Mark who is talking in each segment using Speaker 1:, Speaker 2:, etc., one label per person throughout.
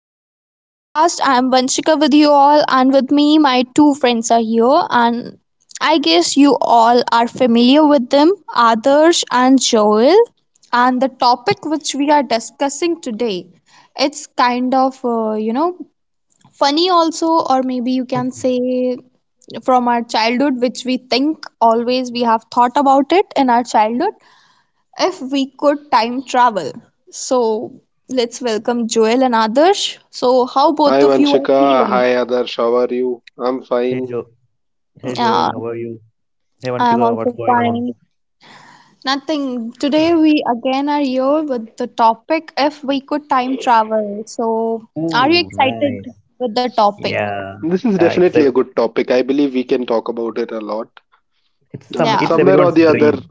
Speaker 1: back to our podcast. I am Vanshika with you all, and with me, my two friends are here. And I guess you all are familiar with them Adarsh and Joel. And the topic which we are discussing today, it's kind of, funny also, or maybe you can
Speaker 2: Mhm.
Speaker 1: say from our childhood, which we think always we have thought about it in our childhood if we could time travel. So let's welcome Joel and Adarsh. So how
Speaker 3: Hi
Speaker 1: both of you are
Speaker 3: Vanshika,
Speaker 1: feeling?
Speaker 3: hi Adarsh, how are you? I'm
Speaker 2: Hey
Speaker 3: fine.
Speaker 2: Jo Hey
Speaker 1: Yeah,
Speaker 2: Joel, how are you? Hey
Speaker 1: I'm
Speaker 2: Vanshika, what's
Speaker 1: also
Speaker 2: going on?
Speaker 1: fine. Nothing. Today we again are here with the topic if we could time travel. So are you
Speaker 2: Ooh,
Speaker 1: excited
Speaker 2: nice.
Speaker 1: with the topic?
Speaker 2: Yeah,
Speaker 3: This is
Speaker 2: yeah. It's
Speaker 3: definitely
Speaker 2: a,
Speaker 3: a good topic. I believe we can talk about it a lot.
Speaker 2: it's some,
Speaker 1: Yeah.
Speaker 2: it's
Speaker 3: Somewhere or
Speaker 2: everyone's
Speaker 3: the other.
Speaker 2: dream.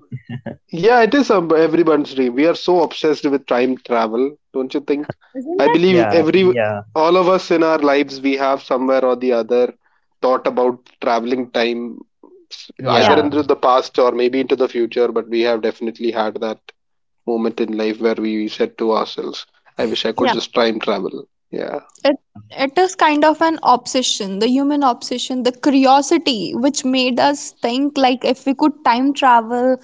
Speaker 3: Yeah, it is some everyone's dream. We are so obsessed with time travel, don't you think?
Speaker 1: Isn't
Speaker 3: I
Speaker 1: it?
Speaker 3: believe
Speaker 2: Yeah,
Speaker 3: every
Speaker 2: yeah,
Speaker 3: All of us in our lives we have somewhere or the other thought about traveling time either
Speaker 1: Yeah.
Speaker 2: yeah,
Speaker 3: into the past or maybe into the future, but we have definitely had that moment in life where we said to ourselves, I wish I could
Speaker 1: Yeah.
Speaker 3: just time travel. Yeah.
Speaker 1: It it is kind of an obsession, the human obsession, the curiosity which made us think like if we could time travel,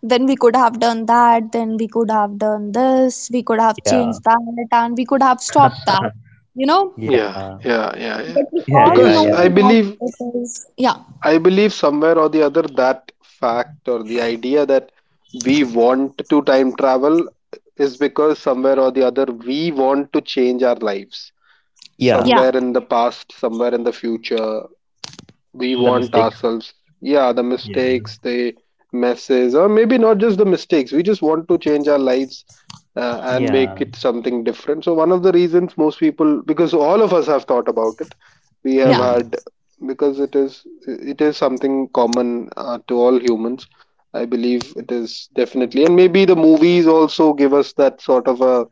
Speaker 1: then we could have done that, then we could have done this, we could have
Speaker 2: yeah,
Speaker 1: changed that, and we could have stopped that. You know?
Speaker 3: Yeah,
Speaker 2: yeah,
Speaker 3: yeah, yeah, yeah.
Speaker 1: But we
Speaker 2: yeah,
Speaker 1: all
Speaker 2: yeah,
Speaker 3: Because
Speaker 2: yeah.
Speaker 3: I
Speaker 1: know
Speaker 3: believe,
Speaker 1: that it is, yeah,
Speaker 3: I believe somewhere or the other that fact or the idea that we want to time travel is because somewhere or the other we want to change our lives.
Speaker 2: Yeah,
Speaker 1: yeah,
Speaker 3: Somewhere in the past, somewhere in the future, we
Speaker 2: the
Speaker 3: want
Speaker 2: mistakes.
Speaker 3: ourselves, yeah, the
Speaker 2: Yeah,
Speaker 3: mistakes, the messes, or maybe not just the mistakes, we just want to change our lives, and make
Speaker 2: yeah.
Speaker 3: it something different. So one of the reasons most people, because all of us have thought about it, we have
Speaker 2: Hmm.
Speaker 1: yeah.
Speaker 3: had, because it is something common to all humans. I believe it is, definitely, and maybe the movies also give us that sort of a,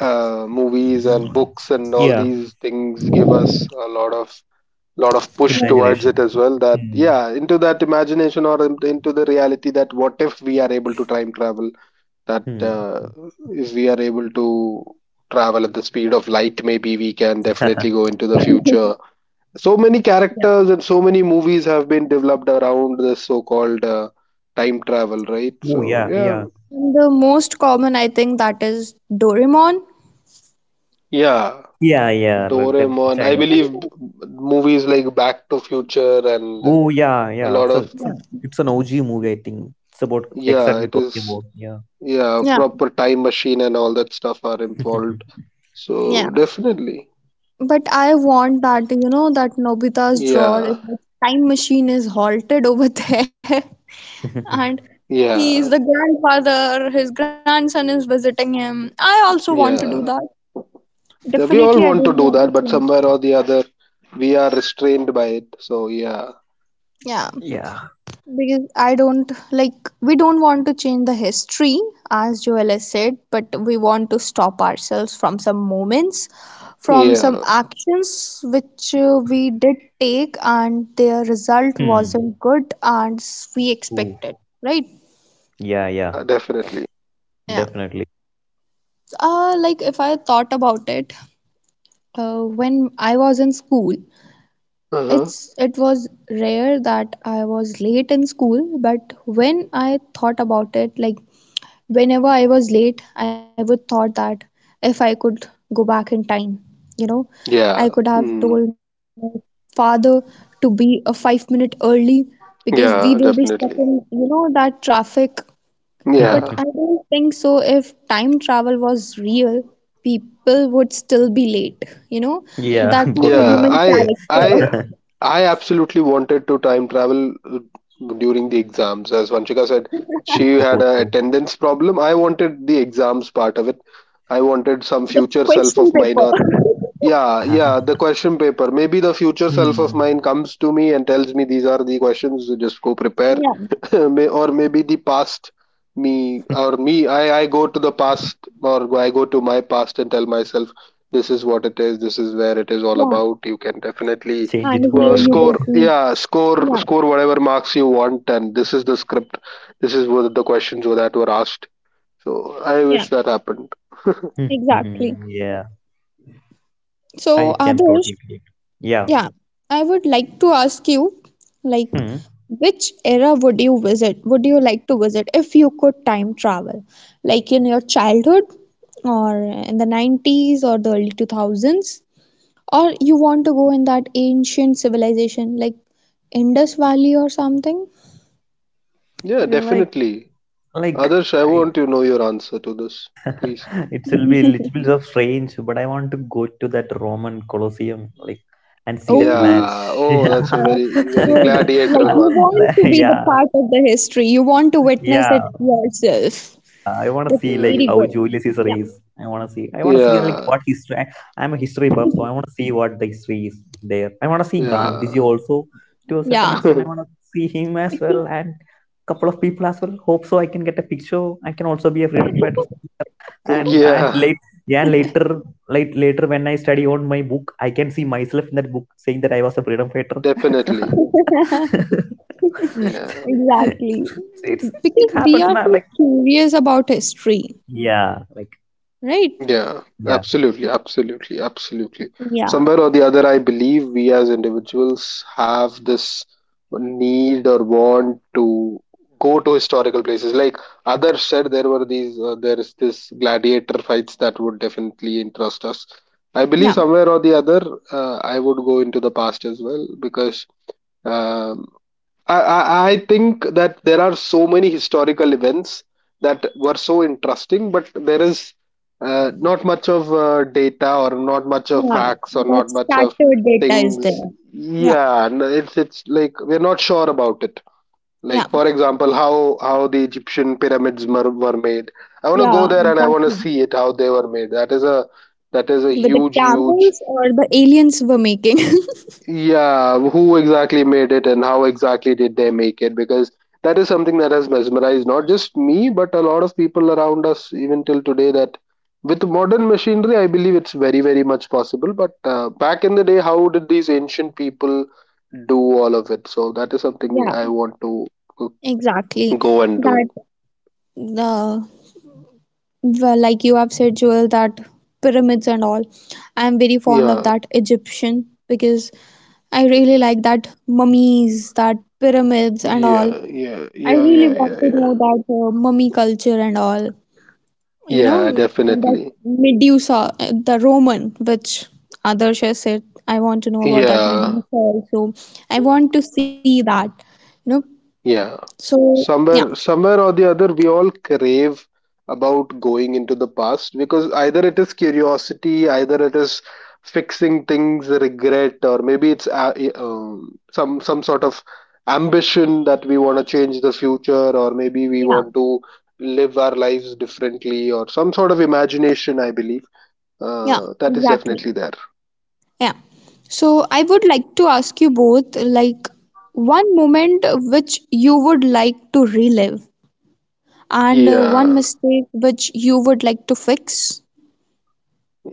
Speaker 3: movies and books and all
Speaker 2: Yeah,
Speaker 3: these things give us a lot of push
Speaker 1: Like,
Speaker 3: towards it
Speaker 2: imagination.
Speaker 3: as well. That
Speaker 2: Hmm.
Speaker 3: yeah, into that imagination or into the reality that what if we are able to time travel, that
Speaker 2: Hmm.
Speaker 3: if we are able to travel at the speed of light, maybe we can definitely go into the future. So many
Speaker 1: yeah.
Speaker 3: characters and so many movies have been developed around this so called time travel, right?
Speaker 2: Oh
Speaker 3: So
Speaker 2: yeah,
Speaker 3: yeah,
Speaker 2: yeah,
Speaker 1: And the most common I think that is Doraemon.
Speaker 3: yeah,
Speaker 2: yeah, yeah. Like that
Speaker 3: Doraemon, I
Speaker 2: child.
Speaker 3: believe,
Speaker 1: Isn't
Speaker 3: movies like Back to Future, and
Speaker 2: Oh yeah,
Speaker 3: a
Speaker 2: yeah.
Speaker 3: lot
Speaker 2: It's a,
Speaker 3: of,
Speaker 2: it's a,
Speaker 1: it?
Speaker 2: it's an OG movie, I think. It's about
Speaker 3: yeah,
Speaker 2: exactly
Speaker 3: it
Speaker 2: talking
Speaker 3: is,
Speaker 2: about. Yeah.
Speaker 3: yeah,
Speaker 1: Yeah.
Speaker 3: proper time machine and all that stuff are involved, so
Speaker 1: Yeah.
Speaker 3: definitely,
Speaker 1: But I want that, that Nobita's drawer, if
Speaker 3: yeah,
Speaker 1: the time machine is halted over there, and he
Speaker 3: yeah,
Speaker 1: is the grandfather, his grandson is visiting him. I also want to do
Speaker 3: yeah,
Speaker 1: that.
Speaker 3: yeah, we all
Speaker 1: Definitely,
Speaker 3: want
Speaker 1: I
Speaker 3: to do
Speaker 1: don't
Speaker 3: that,
Speaker 1: want to
Speaker 3: but
Speaker 1: change.
Speaker 3: somewhere or the other we are restrained by it. So yeah,
Speaker 1: Yeah.
Speaker 2: yeah.
Speaker 1: Because I don't like, we don't want to change the history, as Joel has said, but we want to stop ourselves from some moments, from some
Speaker 3: yeah,
Speaker 1: actions which we did take, and their result
Speaker 2: Hmm.
Speaker 1: wasn't good as we
Speaker 2: Ooh.
Speaker 1: expected, right?
Speaker 2: Yeah, yeah,
Speaker 3: yeah, definitely.
Speaker 1: Yeah.
Speaker 2: definitely.
Speaker 1: Like if I thought about it, when I was in school, it's
Speaker 3: Uh-huh.
Speaker 1: it was rare that I was late in school, but when I thought about it, like whenever I was late, I would thought that if I could go back in time, you know, I
Speaker 3: Yeah.
Speaker 1: could have
Speaker 3: Mm.
Speaker 1: told my father to be a 5 minute early because we will be
Speaker 3: Yeah,
Speaker 1: stuck in,
Speaker 3: definitely.
Speaker 1: that traffic. But
Speaker 3: Yeah,
Speaker 1: I don't think so. If time travel was real, people would still be late. You know,
Speaker 2: yeah.
Speaker 1: that's the
Speaker 3: yeah,
Speaker 2: Gosabi.
Speaker 1: human character,
Speaker 3: I absolutely wanted to time travel during the exams. As Vanchika said, she had a
Speaker 2: Ooh.
Speaker 3: attendance problem. I wanted the exams part of it. I wanted some
Speaker 1: the
Speaker 3: future self
Speaker 1: question
Speaker 3: of mine,
Speaker 1: paper.
Speaker 3: or yeah, yeah, the question paper. Maybe the future self of
Speaker 2: Hmm.
Speaker 3: mine comes to me and tells me these are the questions, you just go prepare.
Speaker 1: Yeah,
Speaker 3: Or maybe the past me, or me, I go to the past, or I go to my past and tell myself this is what it is, this is where it is all
Speaker 1: yeah,
Speaker 3: about. You can definitely,
Speaker 2: Change
Speaker 1: and
Speaker 2: it for
Speaker 1: here you
Speaker 2: me.
Speaker 1: will
Speaker 3: score,
Speaker 1: be.
Speaker 3: yeah,
Speaker 1: Yeah,
Speaker 3: score whatever marks you want, and this is the script. This is what the questions were that were asked. So I
Speaker 1: yeah,
Speaker 3: wish that happened.
Speaker 1: exactly.
Speaker 2: yeah,
Speaker 1: So,
Speaker 2: I can
Speaker 1: Adarsh,
Speaker 2: totally relate. Yeah.
Speaker 1: yeah, I would like to ask you, like,
Speaker 2: Hmm.
Speaker 1: which era would you visit? Would you like to visit if you could time travel? Like in your childhood, or in the 90s, or the early 2000s? Or you want to go in that ancient civilization, like Indus Valley or something?
Speaker 3: Yeah,
Speaker 2: Yeah.
Speaker 3: definitely.
Speaker 2: Like,
Speaker 3: Adarsh, I
Speaker 2: I,
Speaker 3: want to know your answer to this, please.
Speaker 2: it will be a little bit of strange, but I want to go to that Roman Colosseum, like, and see that
Speaker 1: Oh,
Speaker 2: match.
Speaker 3: Yeah. Oh,
Speaker 2: Yeah.
Speaker 3: that's a
Speaker 1: that's
Speaker 3: very, very
Speaker 1: good. Like,
Speaker 3: gladiator
Speaker 2: Uh,
Speaker 1: you
Speaker 3: one.
Speaker 1: want to
Speaker 2: like,
Speaker 1: be the
Speaker 2: yeah,
Speaker 1: part of the history, you want to witness
Speaker 2: yeah,
Speaker 1: it yourself.
Speaker 2: I want to
Speaker 1: That's
Speaker 2: see
Speaker 3: Yeah,
Speaker 2: like
Speaker 1: very
Speaker 3: yeah,
Speaker 2: how
Speaker 1: good.
Speaker 2: Julius Caesar is. I want to see. I want to see like
Speaker 3: yeah,
Speaker 2: what history. I'm a history buff, so I want to see what the history is there. I want to see Gandhiji
Speaker 3: yeah.
Speaker 2: also to a certain
Speaker 1: Yeah.
Speaker 2: extent. I want to see him as well and couple of people as well. Hope so, I can get a picture. I can also be a freedom fighter.
Speaker 1: Yeah.
Speaker 2: And and
Speaker 3: Yeah,
Speaker 2: late yeah later late later when I study on my book, I can see myself in that book saying that I was a freedom fighter.
Speaker 3: definitely. Yeah.
Speaker 2: it's
Speaker 1: Exactly.
Speaker 2: it's- it
Speaker 1: Because we
Speaker 2: happens
Speaker 1: are
Speaker 2: now.
Speaker 1: so
Speaker 2: Like
Speaker 1: curious about history,
Speaker 2: yeah, like
Speaker 1: right?
Speaker 3: Mm, yeah,
Speaker 2: yeah.
Speaker 3: absolutely, absolutely, absolutely.
Speaker 1: Yeah.
Speaker 3: Somewhere or the other, I believe we as individuals have this need or want to go to historical places. Like others said, there were these, there is this gladiator fights that would definitely interest us. I
Speaker 1: Yeah,
Speaker 3: believe somewhere or the other, I would go into the past as well, because, um, I think that there are so many historical events that were so interesting, but there is not much of data, or not much of
Speaker 1: yeah.
Speaker 3: facts, or
Speaker 1: That
Speaker 3: not much of
Speaker 1: scattered data is
Speaker 3: things.
Speaker 1: there. Yeah,
Speaker 3: Yeah, no, it's like we're not sure about it.
Speaker 1: yeah.
Speaker 3: Like for example, how the Egyptian pyramids were made. I want to
Speaker 1: Yeah,
Speaker 3: go there and I want to
Speaker 1: exactly.
Speaker 3: see it, how they were made. That is a
Speaker 1: With the
Speaker 3: huge,
Speaker 1: camels or the aliens were making.
Speaker 3: yeah, who exactly made it and how exactly did they make it? Because that is something that has mesmerized not just me, but a lot of people around us, even till today. That with modern machinery, I believe it's very, very much possible. But back in the day, how did these ancient people do all of it? So that is something
Speaker 1: Yeah.
Speaker 3: I want to, uh,
Speaker 1: Exactly.
Speaker 3: go and
Speaker 1: That
Speaker 3: do.
Speaker 1: The Well, like you have said, Joel, that pyramids and all. I'm very fond of
Speaker 3: Yeah,
Speaker 1: that Egyptian because I really like that mummies, that pyramids and all.
Speaker 3: yeah, yeah,
Speaker 1: I
Speaker 3: yeah,
Speaker 1: really
Speaker 3: yeah,
Speaker 1: want
Speaker 3: yeah,
Speaker 1: to
Speaker 3: yeah.
Speaker 1: know that mummy culture and all. You know,
Speaker 3: Yeah,
Speaker 1: and that
Speaker 3: definitely.
Speaker 1: Medusa, the Roman, which Adarsh has said, I want to know about that
Speaker 3: Yeah.
Speaker 1: Medusa also. I want to see that, you know.
Speaker 3: Yeah.
Speaker 1: So, yeah,
Speaker 3: Somewhere, somewhere or the other, we all crave about going into the past, because either it is curiosity, either it is fixing things, regret, or maybe it's some sort of ambition that we want to change the future, or maybe we
Speaker 1: yeah,
Speaker 3: want to live our lives differently, or some sort of imagination, I believe.
Speaker 1: yeah,
Speaker 3: That is
Speaker 1: exactly.
Speaker 3: definitely there.
Speaker 1: Yeah. So I would like to ask you both like one moment which you would like to relive and one
Speaker 3: Yeah.
Speaker 1: mistake which you would like to fix.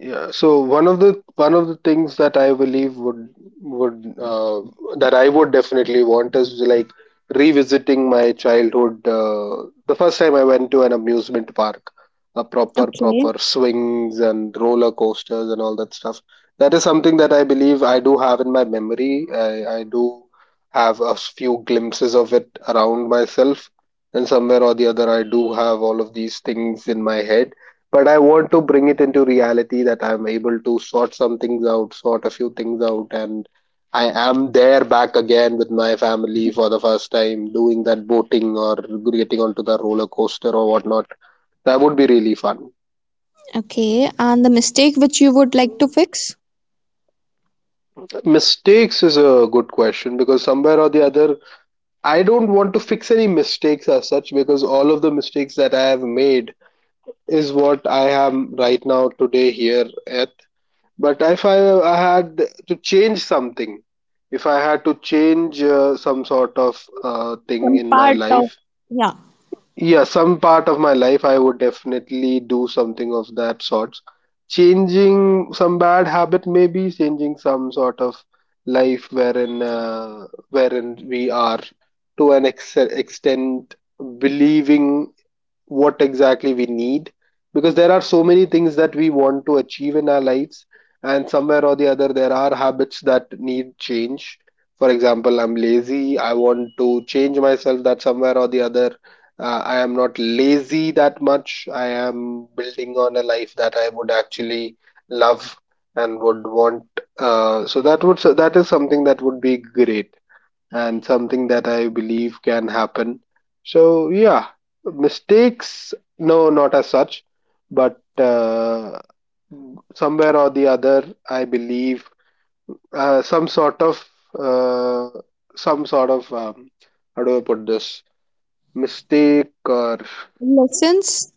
Speaker 3: Yeah, so one of the things that I believe would, would uh, that I would definitely want, is like revisiting my childhood. The first time I went to an amusement park, a
Speaker 1: Okay.
Speaker 3: proper swings and roller coasters and all that stuff. That is something that I believe I do have in my memory. I do have a few glimpses of it around myself, and somewhere or the other, I do have all of these things in my head, but I want to bring it into reality, that I'm able to sort some things out, sort a few things out, and I am there back again with my family for the first time, doing that boating or getting onto the roller coaster or whatnot. That would be really fun.
Speaker 1: Okay. And the mistake which you would like to fix?
Speaker 3: Mistakes is a good question, because somewhere or the other, I don't want to fix any mistakes as such, because all of the mistakes that I have made is what I am right now today here at. But if I, I had to change something, if I had to change some sort of thing
Speaker 1: Some
Speaker 3: in my
Speaker 1: part of,
Speaker 3: life,
Speaker 1: yeah,
Speaker 3: yeah, some part of my life, I would definitely do something of that sort. Changing some bad habit, maybe changing some sort of life wherein, wherein we are to an extent believing what exactly we need, because there are so many things that we want to achieve in our lives, and somewhere or the other there are habits that need change. For example, I'm lazy, I want to change myself, that somewhere or the other, I am not lazy that much, I am building on a life that I would actually love and would want. Uh, so that would, so that is something that would be great, and something that I believe can happen. So, yeah, mistakes, no, not as such, but somewhere or the other, I believe, uh, some sort of, uh, some sort of, how do I put this? Mistake, or
Speaker 1: lessons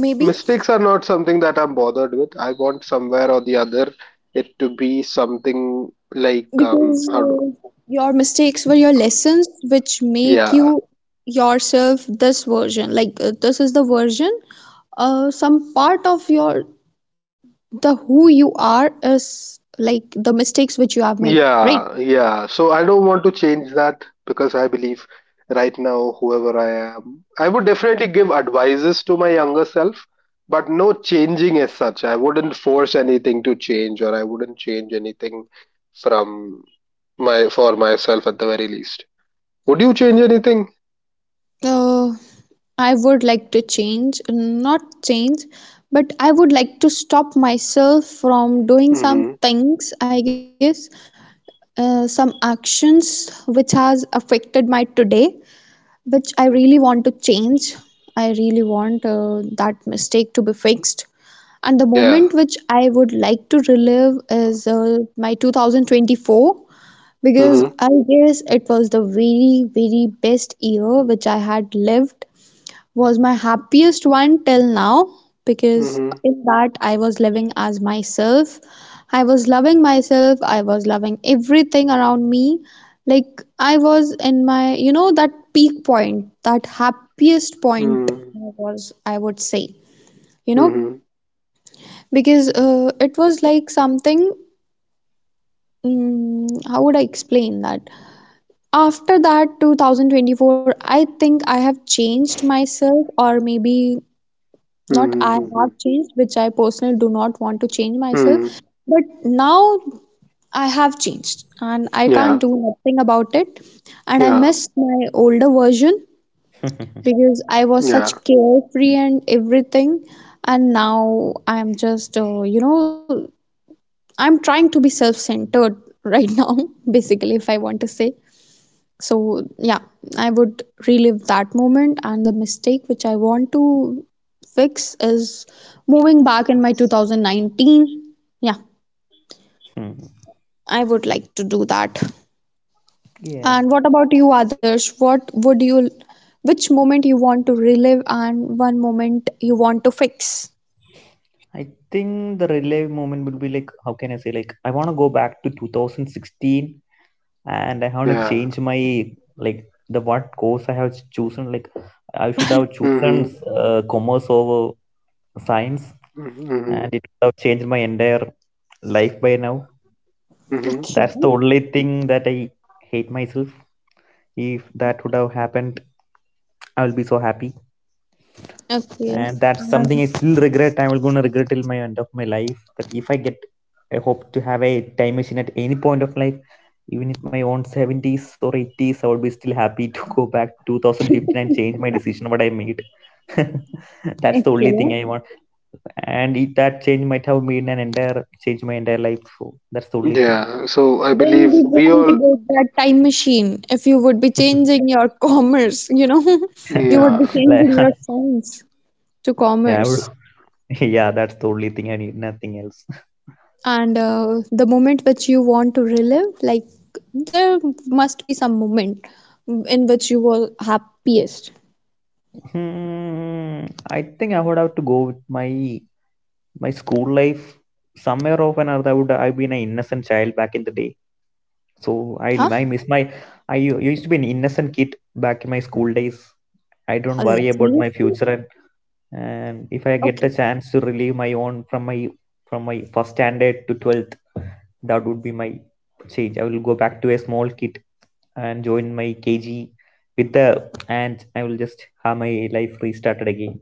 Speaker 1: maybe,
Speaker 3: mistakes are not something that I'm bothered with. I want somewhere or the other it to be something like,
Speaker 1: because
Speaker 3: how do,
Speaker 1: your mistakes were your lessons which make
Speaker 3: yeah,
Speaker 1: you yourself this version, like this is the version, some part of your the who you are is like the mistakes which you have made, right?
Speaker 3: yeah, yeah. So I don't want to change that, because I believe right now, whoever I am, I would definitely give advices to my younger self, but no changing as such. I wouldn't force anything to change, or I wouldn't change anything from my for myself at the very least. Would you change anything?
Speaker 1: Uh, I would like to change, not change, but I would like to stop myself from doing some
Speaker 3: Mm-hmm.
Speaker 1: things, I guess, some actions which has affected my today, which I
Speaker 3: Mm-hmm.
Speaker 1: really want to change. I really want that mistake to be fixed. And the
Speaker 3: Yeah.
Speaker 1: moment which I would like to relive is my 2024, because
Speaker 3: Mm-hmm.
Speaker 1: I guess it was the very, very best year which I had lived, was my happiest one till now, because in that I was living as myself. I was loving myself, I was loving everything around me. Like I was in my, that peak point, that happiest point
Speaker 3: Mm-hmm.
Speaker 1: I was, I would say, you
Speaker 3: Mm-hmm.
Speaker 1: know,
Speaker 3: Mm-hmm.
Speaker 1: because it was like something, how would I explain that? After that 2024, I think I have changed myself, or maybe not I
Speaker 3: Mm-hmm.
Speaker 1: have changed, which I personally do not want to change myself.
Speaker 3: Mm-hmm.
Speaker 1: But now I have changed and I can't
Speaker 3: Yeah.
Speaker 1: do nothing about it. And I
Speaker 3: Yeah.
Speaker 1: miss my older version because I was such
Speaker 3: Yeah.
Speaker 1: carefree and everything. And now I'm just, I'm trying to be self centered right now, basically, if I want to say. So, yeah, I would relive that moment. And the mistake which I want to fix is moving back in my 2019. Yeah, I would like to do that.
Speaker 2: Yeah,
Speaker 1: And what about you, Adarsh? Which moment you want to relive and one moment you want to fix?
Speaker 2: I think the relay moment will be like, how can I say, like, I want to go back to 2016 and I want to
Speaker 3: Yeah.
Speaker 2: change like, the what course I have chosen. Like, I should have chosen
Speaker 3: Mm-hmm.
Speaker 2: commerce over science, and
Speaker 3: Mm-hmm,
Speaker 2: it would have changed my entire life by now.
Speaker 3: mm-hmm.
Speaker 1: Okay.
Speaker 2: That's the only thing that I hate myself. If that would have happened, I will be so happy.
Speaker 1: Okay.
Speaker 2: And that's something
Speaker 1: Um,
Speaker 2: I still regret. I am gonna regret till my end of my life. That if I get, I hope to have a time machine at any point of life, even in my own seventies or eighties. I would be still happy to go back to 2015 and change my decision what I made. That's the only thing
Speaker 1: okay.
Speaker 2: I want, and it, that change might have made an entire change my entire life. So that's the only thing.
Speaker 3: Yeah. So I
Speaker 1: Then
Speaker 3: believe
Speaker 1: we
Speaker 3: we
Speaker 1: won't get
Speaker 3: all.
Speaker 1: that time machine. If you would be changing your commerce, you would be
Speaker 3: Yeah.
Speaker 2: like
Speaker 1: changing your science to
Speaker 2: yeah, bro.
Speaker 3: So
Speaker 1: commerce.
Speaker 2: yeah, that's the only thing I need. Nothing else.
Speaker 1: And the moment which you want to relive, like there must be some moment in which you were happiest.
Speaker 2: Hmm. I think I would have to go with my school life. Somewhere or another, I've been an innocent child back in the day. so
Speaker 1: Huh?
Speaker 2: i i miss my. I used to be an innocent kid back in my school days. I
Speaker 1: Oh,
Speaker 2: don't worry about my
Speaker 1: seriously?
Speaker 2: future, and if I get the
Speaker 1: Okay.
Speaker 2: chance to relieve my own from my first standard to 12th. That would be my change. I will go back to a small kid and join my kg with the and I will just have my life restarted again.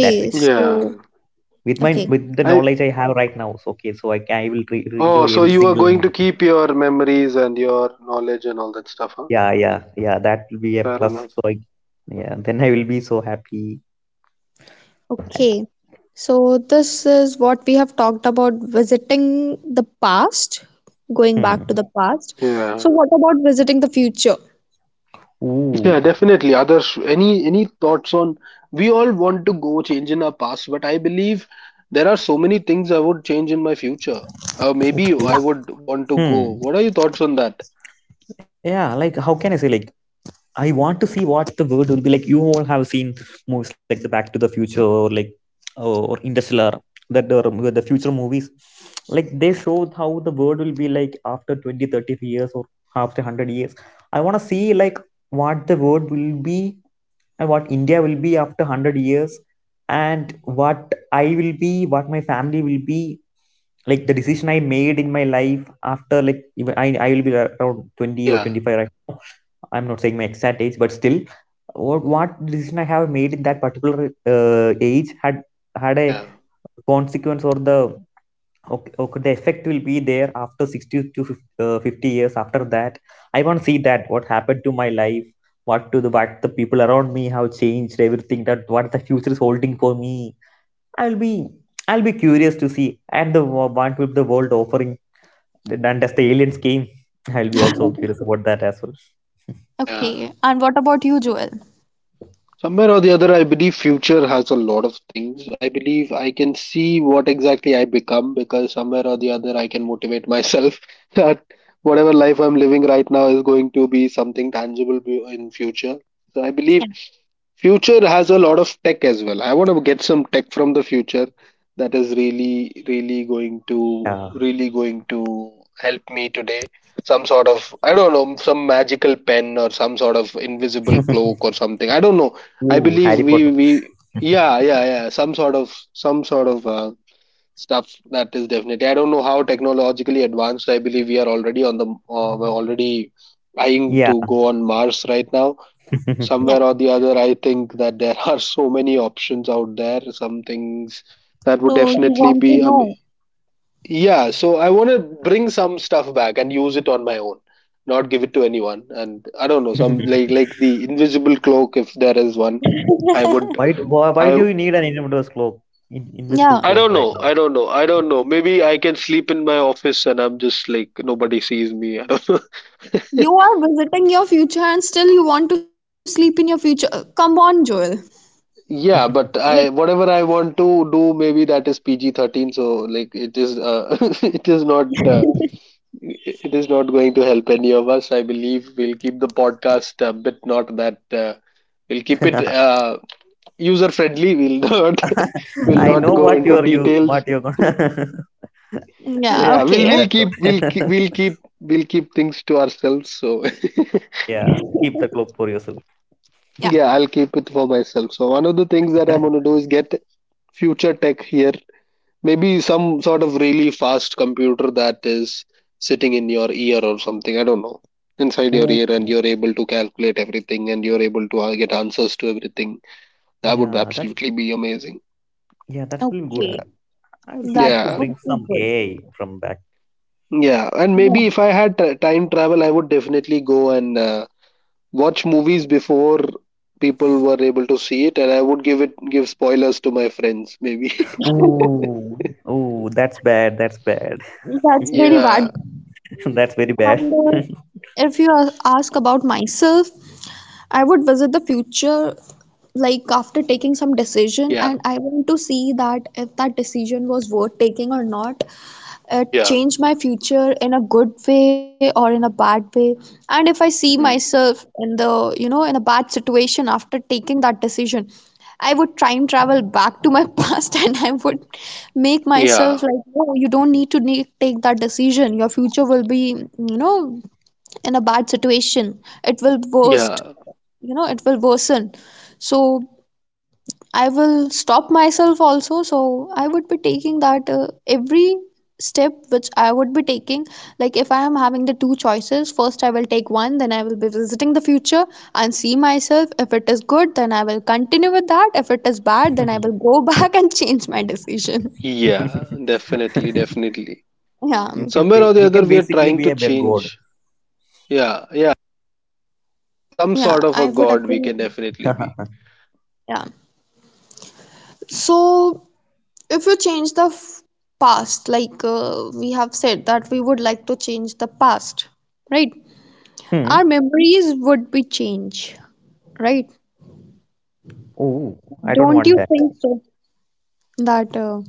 Speaker 2: That's it.
Speaker 3: yeah.
Speaker 1: So,
Speaker 2: With my
Speaker 1: okay.
Speaker 2: with the
Speaker 3: I.
Speaker 2: knowledge I have right now. So okay, so I will re-
Speaker 3: Oh,
Speaker 2: enjoy
Speaker 3: so
Speaker 2: every
Speaker 3: you are
Speaker 2: single
Speaker 3: going to
Speaker 2: moment.
Speaker 3: keep your memories and your knowledge and all that stuff, huh?
Speaker 2: Yeah, yeah, yeah. That will be a
Speaker 3: Fair
Speaker 2: plus.
Speaker 3: enough.
Speaker 2: Yeah, then I will be so happy.
Speaker 1: Okay, so this is what we have talked about visiting the past, going
Speaker 2: Hmm.
Speaker 1: back to the past.
Speaker 3: Yeah.
Speaker 1: So, what about visiting the future?
Speaker 3: Yeah,
Speaker 2: Ooh.
Speaker 3: definitely. Others, any thoughts on? We all want to go change in our past, but I believe there are so many things I would change in my future. Maybe
Speaker 2: Okay.
Speaker 1: Yeah.
Speaker 3: I would want to go.
Speaker 2: Hmm.
Speaker 3: What are your thoughts on that?
Speaker 2: Yeah. Like, how can I say, like, I want to see what the world will be like. You all have seen movies like the Back to the Future, or like uh, or Interstellar, that are the future movies. Like they show how the world will be like after 20, 30 years, or after 100 years. I want to see like what the world will be, and what India will be after 100 years, and what I will be, what my family will be, like the decision I made in my life after, like, even I will be around twenty or
Speaker 3: Yeah.
Speaker 2: twenty five right? I'm not saying my exact age, but still, what decision I have made in that particular age had had a
Speaker 3: Yeah.
Speaker 2: consequence or the okay, okay, the effect will be there after 60 to 50, 50 years after that. I want to see that what happened to my life, what the people around me have changed, everything that what the future is holding for me. I'll be I'll be curious to see, and the what will the world offering, and as the aliens came, I'll be also curious about that as well.
Speaker 3: Yeah.
Speaker 1: Okay. And what about you, Joel?
Speaker 3: Somewhere or the other, I believe future has a lot of things. I believe I can see what exactly I become, because somewhere or the other, I can motivate myself that whatever life I'm living right now is going to be something tangible in future. So I believe
Speaker 1: Yeah,
Speaker 3: future has a lot of tech as well. I want to get some tech from the future that is really, really going to help me today. Some sort of, I don't know, some magical pen or some sort of invisible
Speaker 2: Yeah.
Speaker 3: cloak or something. I don't know. I
Speaker 2: Ooh,
Speaker 3: believe
Speaker 2: Harry Potter.
Speaker 3: we, yeah, yeah, yeah, some sort of, stuff that is definitely. I don't know how technologically advanced. I believe we are already on the, we're already trying
Speaker 2: Yeah.
Speaker 3: to go on Mars right now.
Speaker 1: yeah.
Speaker 3: Somewhere or the other, I think that there are so many options out there. Some things that would
Speaker 1: So, you
Speaker 3: definitely
Speaker 1: want to
Speaker 3: be,
Speaker 1: know.
Speaker 3: yeah. So I want to bring some stuff back and use it on my own, not give it to anyone. And I don't know, some like the invisible cloak, if there is one, I would,
Speaker 2: Why
Speaker 3: I.
Speaker 2: do you need an invisible cloak? Invisible
Speaker 1: Yeah.
Speaker 3: I
Speaker 2: cloak
Speaker 3: don't
Speaker 2: right
Speaker 3: know.
Speaker 2: now.
Speaker 3: I don't know. I don't know. Maybe I can sleep in my office and I'm just like nobody sees me. I don't know.
Speaker 1: You are visiting your future and still you want to sleep in your future. Come on, Joel.
Speaker 3: Yeah,
Speaker 1: Like,
Speaker 3: but I whatever I want to do, maybe that is PG-13, so like it is it is not. It is not going to help any of us. I believe we'll keep the podcast a bit not that. We'll keep it user friendly. We'll not we'll
Speaker 2: I
Speaker 3: not
Speaker 2: know
Speaker 3: go into details.
Speaker 2: what you're gonna.
Speaker 1: yeah.
Speaker 2: I
Speaker 3: Yeah,
Speaker 1: Okay.
Speaker 3: we'll
Speaker 2: that's what.
Speaker 3: keep we'll keep we'll keep we'll keep things to ourselves. So
Speaker 2: yeah, keep the cloak for yourself.
Speaker 1: Yeah.
Speaker 3: yeah, I'll keep it for myself. So one of the things that I'm gonna do is get future tech here. Maybe some sort of really fast computer that is sitting in your ear or something. I don't know. Inside your
Speaker 2: Ooh,
Speaker 3: ear, and you're able to calculate everything and you're able to get answers to everything. That would
Speaker 2: yeah, that's
Speaker 3: absolutely be amazing.
Speaker 2: yeah, that's really good.
Speaker 1: Okay,
Speaker 2: I will try
Speaker 1: that
Speaker 2: to
Speaker 3: Yeah.
Speaker 1: would
Speaker 2: bring
Speaker 1: be
Speaker 2: some
Speaker 1: good.
Speaker 2: AI from back.
Speaker 3: Yeah. And
Speaker 1: Yeah.
Speaker 3: maybe if I had time travel, I would definitely go and watch movies before people were able to see it, and I would give spoilers to my friends maybe.
Speaker 2: Ooh, ooh, that's bad. That's bad.
Speaker 1: That's very bad.
Speaker 3: Yeah,
Speaker 2: that's very
Speaker 1: And
Speaker 2: bad.
Speaker 1: if you ask about myself, I would visit the future like after taking some decision,
Speaker 3: yeah,
Speaker 1: and I want to see that if that decision was worth taking or not,
Speaker 3: yeah.
Speaker 1: change my future in a good way or in a bad way. And if I see
Speaker 3: Hmm.
Speaker 1: myself in the you know in a bad situation after taking that decision, I would time travel back to my past, and I would make myself
Speaker 3: Yeah,
Speaker 1: like, no, you don't need to take that decision, your future will be, in a bad situation, it will worst,
Speaker 3: yeah.
Speaker 1: it will worsen. So I will stop myself also. So I would be taking that, every step which I would be taking. Like if I am having the two choices, first I will take one, then I will be visiting the future and see myself. If it is good, then I will continue with that. If it is bad, then I will go back and change my decision.
Speaker 3: Yeah, definitely, definitely.
Speaker 1: Yeah,
Speaker 2: You can
Speaker 3: Somewhere or the
Speaker 2: you can
Speaker 3: other, we are
Speaker 2: basically
Speaker 3: trying
Speaker 2: be
Speaker 3: to
Speaker 2: a big god.
Speaker 3: change. Yeah, yeah. Some
Speaker 1: yeah,
Speaker 3: sort
Speaker 1: I
Speaker 3: of a
Speaker 1: would
Speaker 3: god
Speaker 1: agree.
Speaker 3: we can definitely be.
Speaker 1: Yeah. So, if you change the past, like we have said that we would like to change the past, right?
Speaker 2: hmm.
Speaker 1: Our memories would be changed, right?
Speaker 2: Oh, I don't
Speaker 1: Don't
Speaker 2: want
Speaker 1: you
Speaker 2: that.
Speaker 1: think so? That,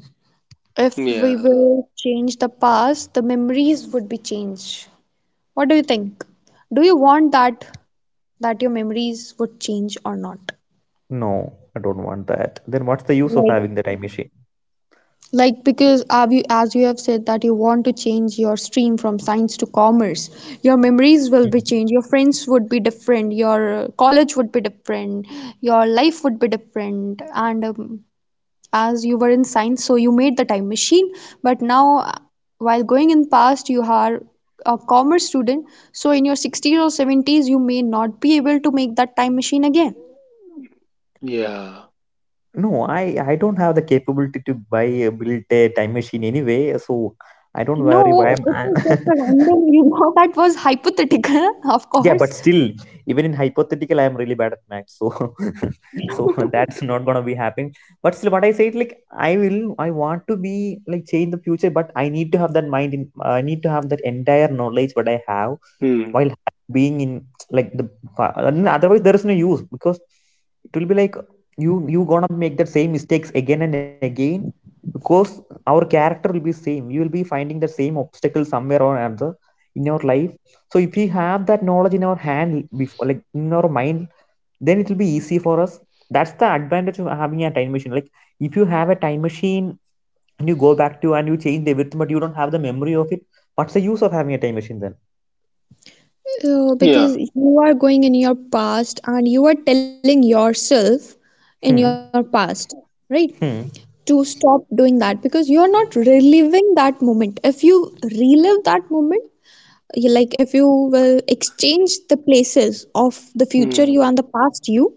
Speaker 1: if we
Speaker 3: Yeah,
Speaker 1: will change the past, the memories would be changed. What do you think? Do you want that your memories would change or not?
Speaker 2: No, I don't want that. Then what's the use of
Speaker 1: Like,
Speaker 2: having the time machine?
Speaker 1: like, because have you, as you have said that you want to change your stream from science to commerce, your memories will be changed. Your friends would be different. Your college would be different. Your life would be different, and as you were in science, so you made the time machine, but now while going in past you are a commerce student, so in your 60s or 70s you may not be able to make that time machine again.
Speaker 3: yeah.
Speaker 2: No, I don't have the capability to buy a build a time machine anyway. So I don't worry.
Speaker 1: No, it
Speaker 2: Why am
Speaker 1: was just a random, that was hypothetical, of
Speaker 2: Yeah,
Speaker 1: course.
Speaker 2: but still, even in hypothetical, I am really bad at math, so so that's not gonna be happening. But still, what I said, like I want to be like change the future, but I need to have that entire knowledge what I have
Speaker 3: Hmm.
Speaker 2: while being in like and otherwise there is no use, because it will be like you gonna make the same mistakes again and again, because our character will be same. You will be finding the same obstacle somewhere or another in your life. So if we have that knowledge in our hand before, like in our mind, then it will be easy for us. That's the advantage of having a time machine. Like, if you have a time machine and you go back to and you change everything, but you don't have the memory of it, what's the use of having a time machine then?
Speaker 1: Uh,
Speaker 3: Yeah.
Speaker 1: because you are going in your past and you are telling yourself in your
Speaker 2: Hmm.
Speaker 1: past, right,
Speaker 2: Hmm.
Speaker 1: to stop doing that because you are not reliving that moment. If you relive that moment, like if you will exchange the places of the future
Speaker 3: Hmm.
Speaker 1: you and the past you,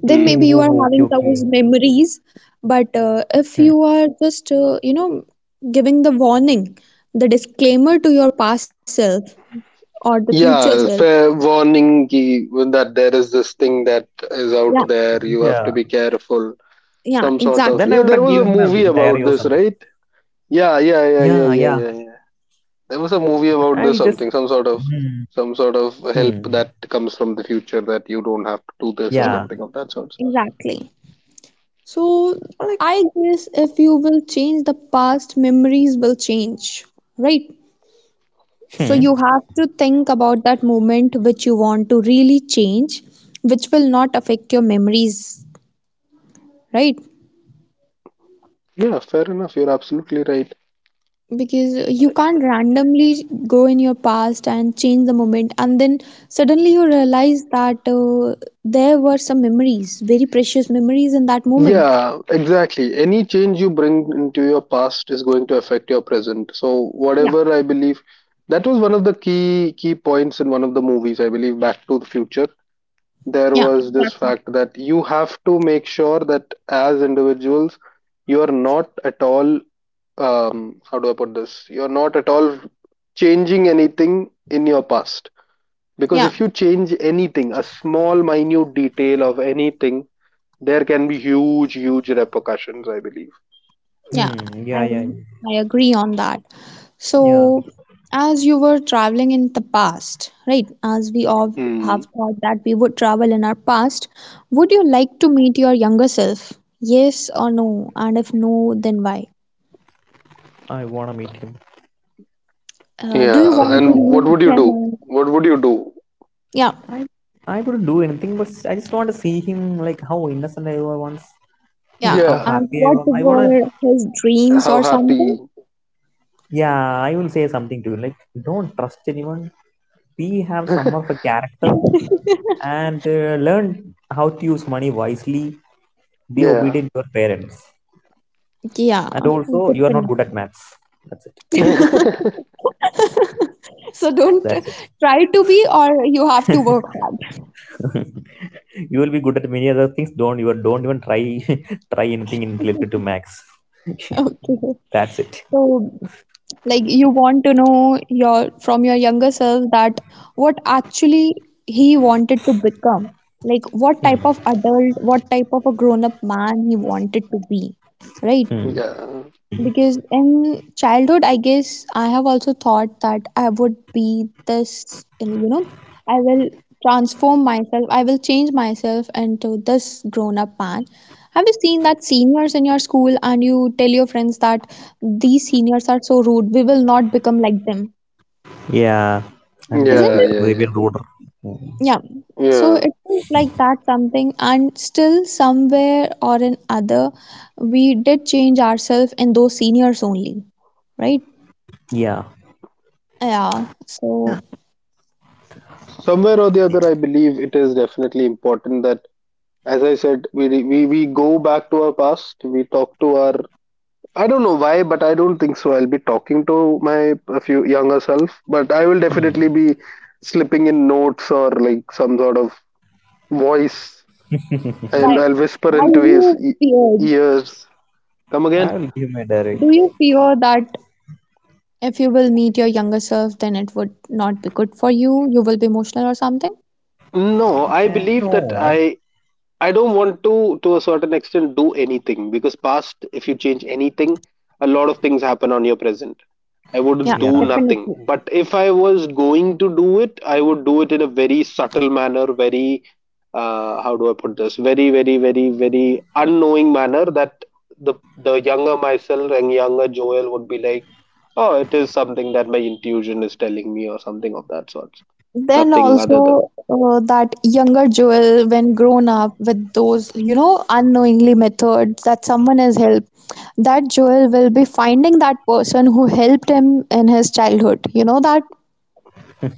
Speaker 1: then
Speaker 2: Oh,
Speaker 1: maybe
Speaker 2: oh,
Speaker 3: Hmm.
Speaker 1: you
Speaker 2: oh,
Speaker 1: are
Speaker 2: okay,
Speaker 1: having
Speaker 2: okay.
Speaker 1: those memories, but if
Speaker 2: Hmm.
Speaker 1: you are just giving the warning, the disclaimer, to your past self or the future self.
Speaker 3: Yeah, fair warning that there is this thing that is
Speaker 1: Yeah,
Speaker 3: out there. You have
Speaker 2: Yeah.
Speaker 3: to be careful.
Speaker 1: yeah,
Speaker 3: Some sort of.
Speaker 2: Then
Speaker 1: exactly.
Speaker 2: I
Speaker 3: Yeah,
Speaker 2: will,
Speaker 3: there
Speaker 2: like,
Speaker 3: was
Speaker 2: give
Speaker 3: a
Speaker 2: him a
Speaker 3: movie
Speaker 2: diary
Speaker 3: about
Speaker 2: or
Speaker 3: this,
Speaker 2: something.
Speaker 3: right? Yeah, yeah, yeah, yeah,
Speaker 2: Yeah,
Speaker 3: yeah,
Speaker 2: yeah.
Speaker 3: yeah, yeah. There was a movie about this
Speaker 2: I'll just
Speaker 3: something,
Speaker 2: hmm.
Speaker 3: some sort of help
Speaker 2: Hmm.
Speaker 3: that comes from the future that you don't have to do this or
Speaker 1: Yeah,
Speaker 2: Yeah.
Speaker 3: something of that sort.
Speaker 1: exactly. So
Speaker 2: Like.
Speaker 1: I guess if you will change the past, memories will change, right? So you
Speaker 2: Hmm.
Speaker 1: have to think about that moment which you want to really change, which will not affect your memories, right?
Speaker 3: Yeah, fair enough. You're absolutely right.
Speaker 1: Because you can't randomly go in your past and change the moment, and then suddenly you realize that there were some memories, very precious memories in that moment.
Speaker 3: Yeah, exactly. Any change you bring into your past is going to affect your present. So
Speaker 1: Yeah,
Speaker 3: whatever, I believe that was one of the key points in one of the movies, I believe Back to the Future. There
Speaker 1: yeah,
Speaker 3: was this
Speaker 1: exactly.
Speaker 3: fact that you have to make sure that as individuals you are not at all, um, how do I put this, you're not at all changing anything in your past, because
Speaker 1: Yeah,
Speaker 3: if you change anything, a small minute detail of anything, there can be huge repercussions, I believe.
Speaker 1: yeah,
Speaker 2: Hmm. Yeah,
Speaker 1: I
Speaker 2: yeah,
Speaker 1: I agree on that.
Speaker 2: yeah.
Speaker 1: So, as you were traveling in the past, right? As we all have
Speaker 3: Mm.
Speaker 1: thought that we would travel in our past, would you like to meet your younger self? Yes or no? And if no, then why?
Speaker 2: I wanna meet him.
Speaker 1: Do you
Speaker 3: Yeah,
Speaker 1: want
Speaker 3: and
Speaker 1: to
Speaker 2: Absolutely.
Speaker 3: what
Speaker 1: meet
Speaker 3: would you do?
Speaker 1: him? And,
Speaker 3: What would you do?
Speaker 1: yeah,
Speaker 2: I I wouldn't do anything, but I just want to see him, like how innocent I was once, like
Speaker 1: yeah.
Speaker 2: how
Speaker 3: Yeah,
Speaker 1: And
Speaker 2: happy I
Speaker 1: what
Speaker 2: was. I wanna.
Speaker 1: were his dreams
Speaker 3: how
Speaker 1: or something?
Speaker 3: happy.
Speaker 2: Yeah, I will say something to you. Like, don't trust anyone. We have some of a character, and learn how to use money wisely. Be
Speaker 3: Yeah.
Speaker 2: obedient to your parents,
Speaker 1: Yeah,
Speaker 2: and also you are not good at
Speaker 1: definitely.
Speaker 2: maths. That's it.
Speaker 3: Yeah,
Speaker 1: So don't
Speaker 2: That's it.
Speaker 1: try to be, or you have to work hard.
Speaker 2: You will be good at many other things. Don't you don't even try try anything in related to maths.
Speaker 1: Okay.
Speaker 2: That's it.
Speaker 1: So like you want to know your from your younger self that what actually he wanted to become, like what type
Speaker 2: Hmm.
Speaker 1: of adult, what type of a grown up man he wanted to be, right?
Speaker 2: Hmm.
Speaker 1: Because in childhood, I guess I have also thought that I would be this, you know, I will transform myself, I will change myself into this grown-up man. Have you seen that seniors in your school and you tell your friends that these seniors are so rude, we will not become like them?
Speaker 2: Yeah, and you will
Speaker 1: Isn't
Speaker 3: yeah,
Speaker 1: it?
Speaker 2: become
Speaker 3: yeah,
Speaker 2: Raven
Speaker 3: yeah,
Speaker 2: Roader. Hmm.
Speaker 1: Yeah. So
Speaker 3: yeah.
Speaker 1: it is like that something, and still somewhere or in other, we did change ourselves in those seniors only, right?
Speaker 2: Yeah,
Speaker 1: Yeah, so
Speaker 3: Somewhere or the other, I believe it is definitely important that, as I said, we go back to our past. We talk to our, I don't know why, but I don't think so I'll be talking to my a few younger self, but I will definitely be slipping in notes or like some sort of voice.
Speaker 1: why.
Speaker 3: I'll
Speaker 1: Why
Speaker 3: whisper into
Speaker 1: you
Speaker 3: his
Speaker 1: feared?
Speaker 3: ears. Come
Speaker 2: I
Speaker 3: again?
Speaker 2: will give my direct.
Speaker 1: Do you fear that if you will meet your younger self, then it would not be good for you. You will be emotional or something.
Speaker 3: No, I believe that
Speaker 2: No.
Speaker 3: I don't want to a certain extent, do anything, because past, if you change anything, a lot of things happen on your present. I would
Speaker 1: Yeah,
Speaker 3: do
Speaker 2: Yeah.
Speaker 3: nothing.
Speaker 1: definitely.
Speaker 3: But if I was going to do it, I would do it in a very subtle manner. Very, how do I put this? Very, unknowing manner that the younger myself and younger Joel would be like, oh, it is something that my intuition is telling me or something of that sort.
Speaker 1: Then
Speaker 3: Nothing other than.
Speaker 1: also that younger Joel, when grown up with those, you know, unknowingly methods that someone has helped, that Joel will be finding that person who helped him in his childhood. You know that?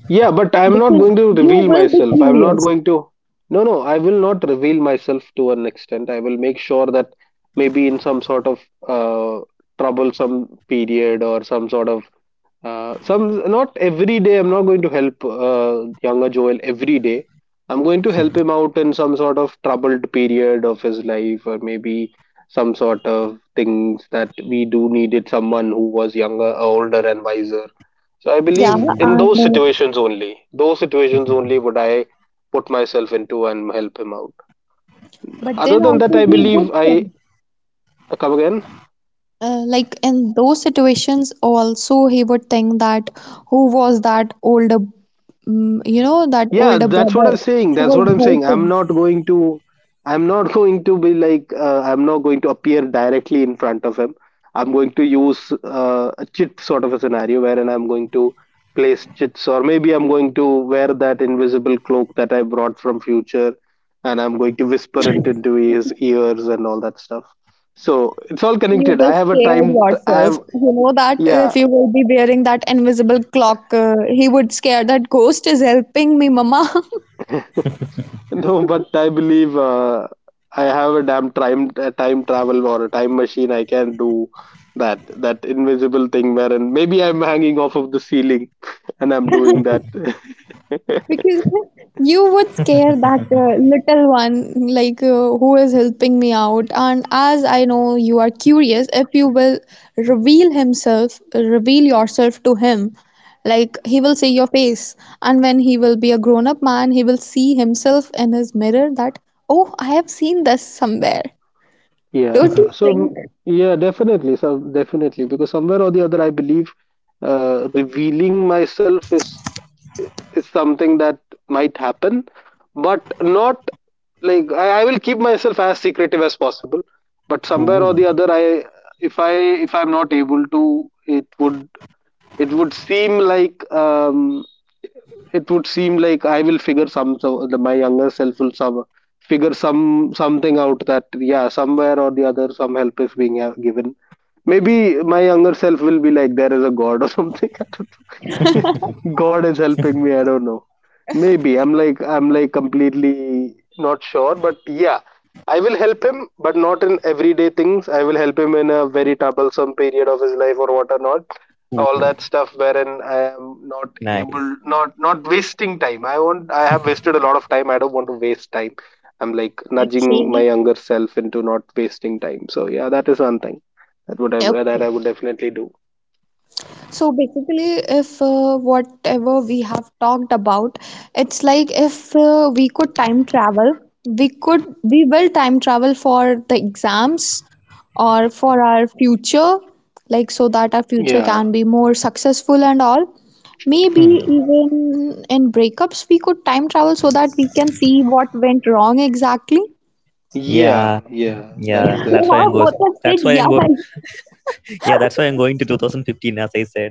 Speaker 3: Yeah, but I'm not
Speaker 1: Because
Speaker 3: going to
Speaker 1: you
Speaker 3: reveal
Speaker 1: will be
Speaker 3: myself. I'm not
Speaker 1: curious.
Speaker 3: going to. No, no, I will not reveal myself to an extent. I will make sure that maybe in some sort of uh, troublesome period or some sort of some, not every day. I'm not going to help younger Joel every day. I'm going to help him out in some sort of troubled period of his life, or maybe some sort of things that we do needed someone who was younger, older, and wiser. So I
Speaker 1: Yeah,
Speaker 3: believe
Speaker 2: Ooh,
Speaker 3: in
Speaker 1: and
Speaker 3: those situations only. Those situations only would I put myself into and help him out.
Speaker 1: but
Speaker 3: Other
Speaker 1: then
Speaker 3: than that,
Speaker 2: ooh,
Speaker 1: also
Speaker 3: I
Speaker 1: he would
Speaker 3: believe I.
Speaker 1: think,
Speaker 3: Come again?
Speaker 1: like in those situations, also he would think that who was that older, mm, you know, that
Speaker 3: Yeah,
Speaker 1: older
Speaker 3: that's what
Speaker 1: brother
Speaker 3: I'm saying.
Speaker 1: who was
Speaker 3: I'm
Speaker 1: helping.
Speaker 3: not going to, I'm not going to be like, I'm not going to appear directly in front of him. I'm going to use a chit sort of a scenario wherein I'm going to place chits, or maybe I'm going to wear that invisible cloak that I brought from future, and I'm going to whisper it into his ears and all that stuff. So it's all
Speaker 1: You
Speaker 3: connected.
Speaker 1: were
Speaker 3: I have a
Speaker 1: scared
Speaker 3: time. I
Speaker 1: yourself.
Speaker 3: have
Speaker 1: You know that if
Speaker 3: Yeah.
Speaker 1: you will be wearing that invisible clock, he would scare that ghost is helping me, mama.
Speaker 3: No, but I believe I have a damn time, a time travel or a time machine. I can do that, that invisible thing wherein maybe I'm hanging off of the ceiling and I'm doing that.
Speaker 1: Because you would scare that little one, like who is helping me out. And as I know you are curious, if you will reveal himself, reveal yourself to him, like he will see your face. And when he will be a grown up man, he will see himself in his mirror that, oh, I have seen this somewhere.
Speaker 3: Yeah.
Speaker 1: Don't you
Speaker 3: So, mm,
Speaker 1: think?
Speaker 3: yeah, definitely. So definitely, because somewhere or the other, I believe revealing myself is something that might happen, but not like, I will keep myself as secretive as possible. But somewhere or the
Speaker 2: ooh.
Speaker 3: other, I, if I if I'm not able to, it would, it would seem like, it would seem like I will figure some, so the, my younger self will some figure some something out that yeah somewhere or the other some help is being given. Maybe my younger self will be like there is a god or something. I don't know. God is helping me. I don't know. Maybe I'm like, I'm like completely not sure, but yeah. I will help him, but not in everyday things. I will help him in a very troublesome period of his life, or what or not,
Speaker 2: Ooh,
Speaker 3: all that stuff wherein I am not able,
Speaker 2: nice.
Speaker 3: not, not wasting time. I won't, I have wasted a lot of time, I don't want to waste time. I'm like nudging my younger self into not wasting time. So yeah, that is one thing that would I,
Speaker 1: Okay,
Speaker 3: that
Speaker 1: okay.
Speaker 3: I would definitely do.
Speaker 1: So basically, if whatever we have talked about, it's like if we could time travel, we could, we will time travel for the exams or for our future, like so that our future
Speaker 3: Yeah,
Speaker 1: can be more successful and all. Maybe
Speaker 2: Hmm.
Speaker 1: even in breakups, we could time travel so that we can see what went wrong exactly.
Speaker 2: Yeah,
Speaker 3: yeah, yeah, that
Speaker 2: yeah.
Speaker 3: is
Speaker 2: That's why
Speaker 3: that.
Speaker 2: I'm
Speaker 1: Yeah,
Speaker 2: going.
Speaker 1: both of
Speaker 2: That's
Speaker 1: said
Speaker 2: why I'm
Speaker 1: yeah.
Speaker 2: going. Yeah, that's why I'm going to 2015, as I said.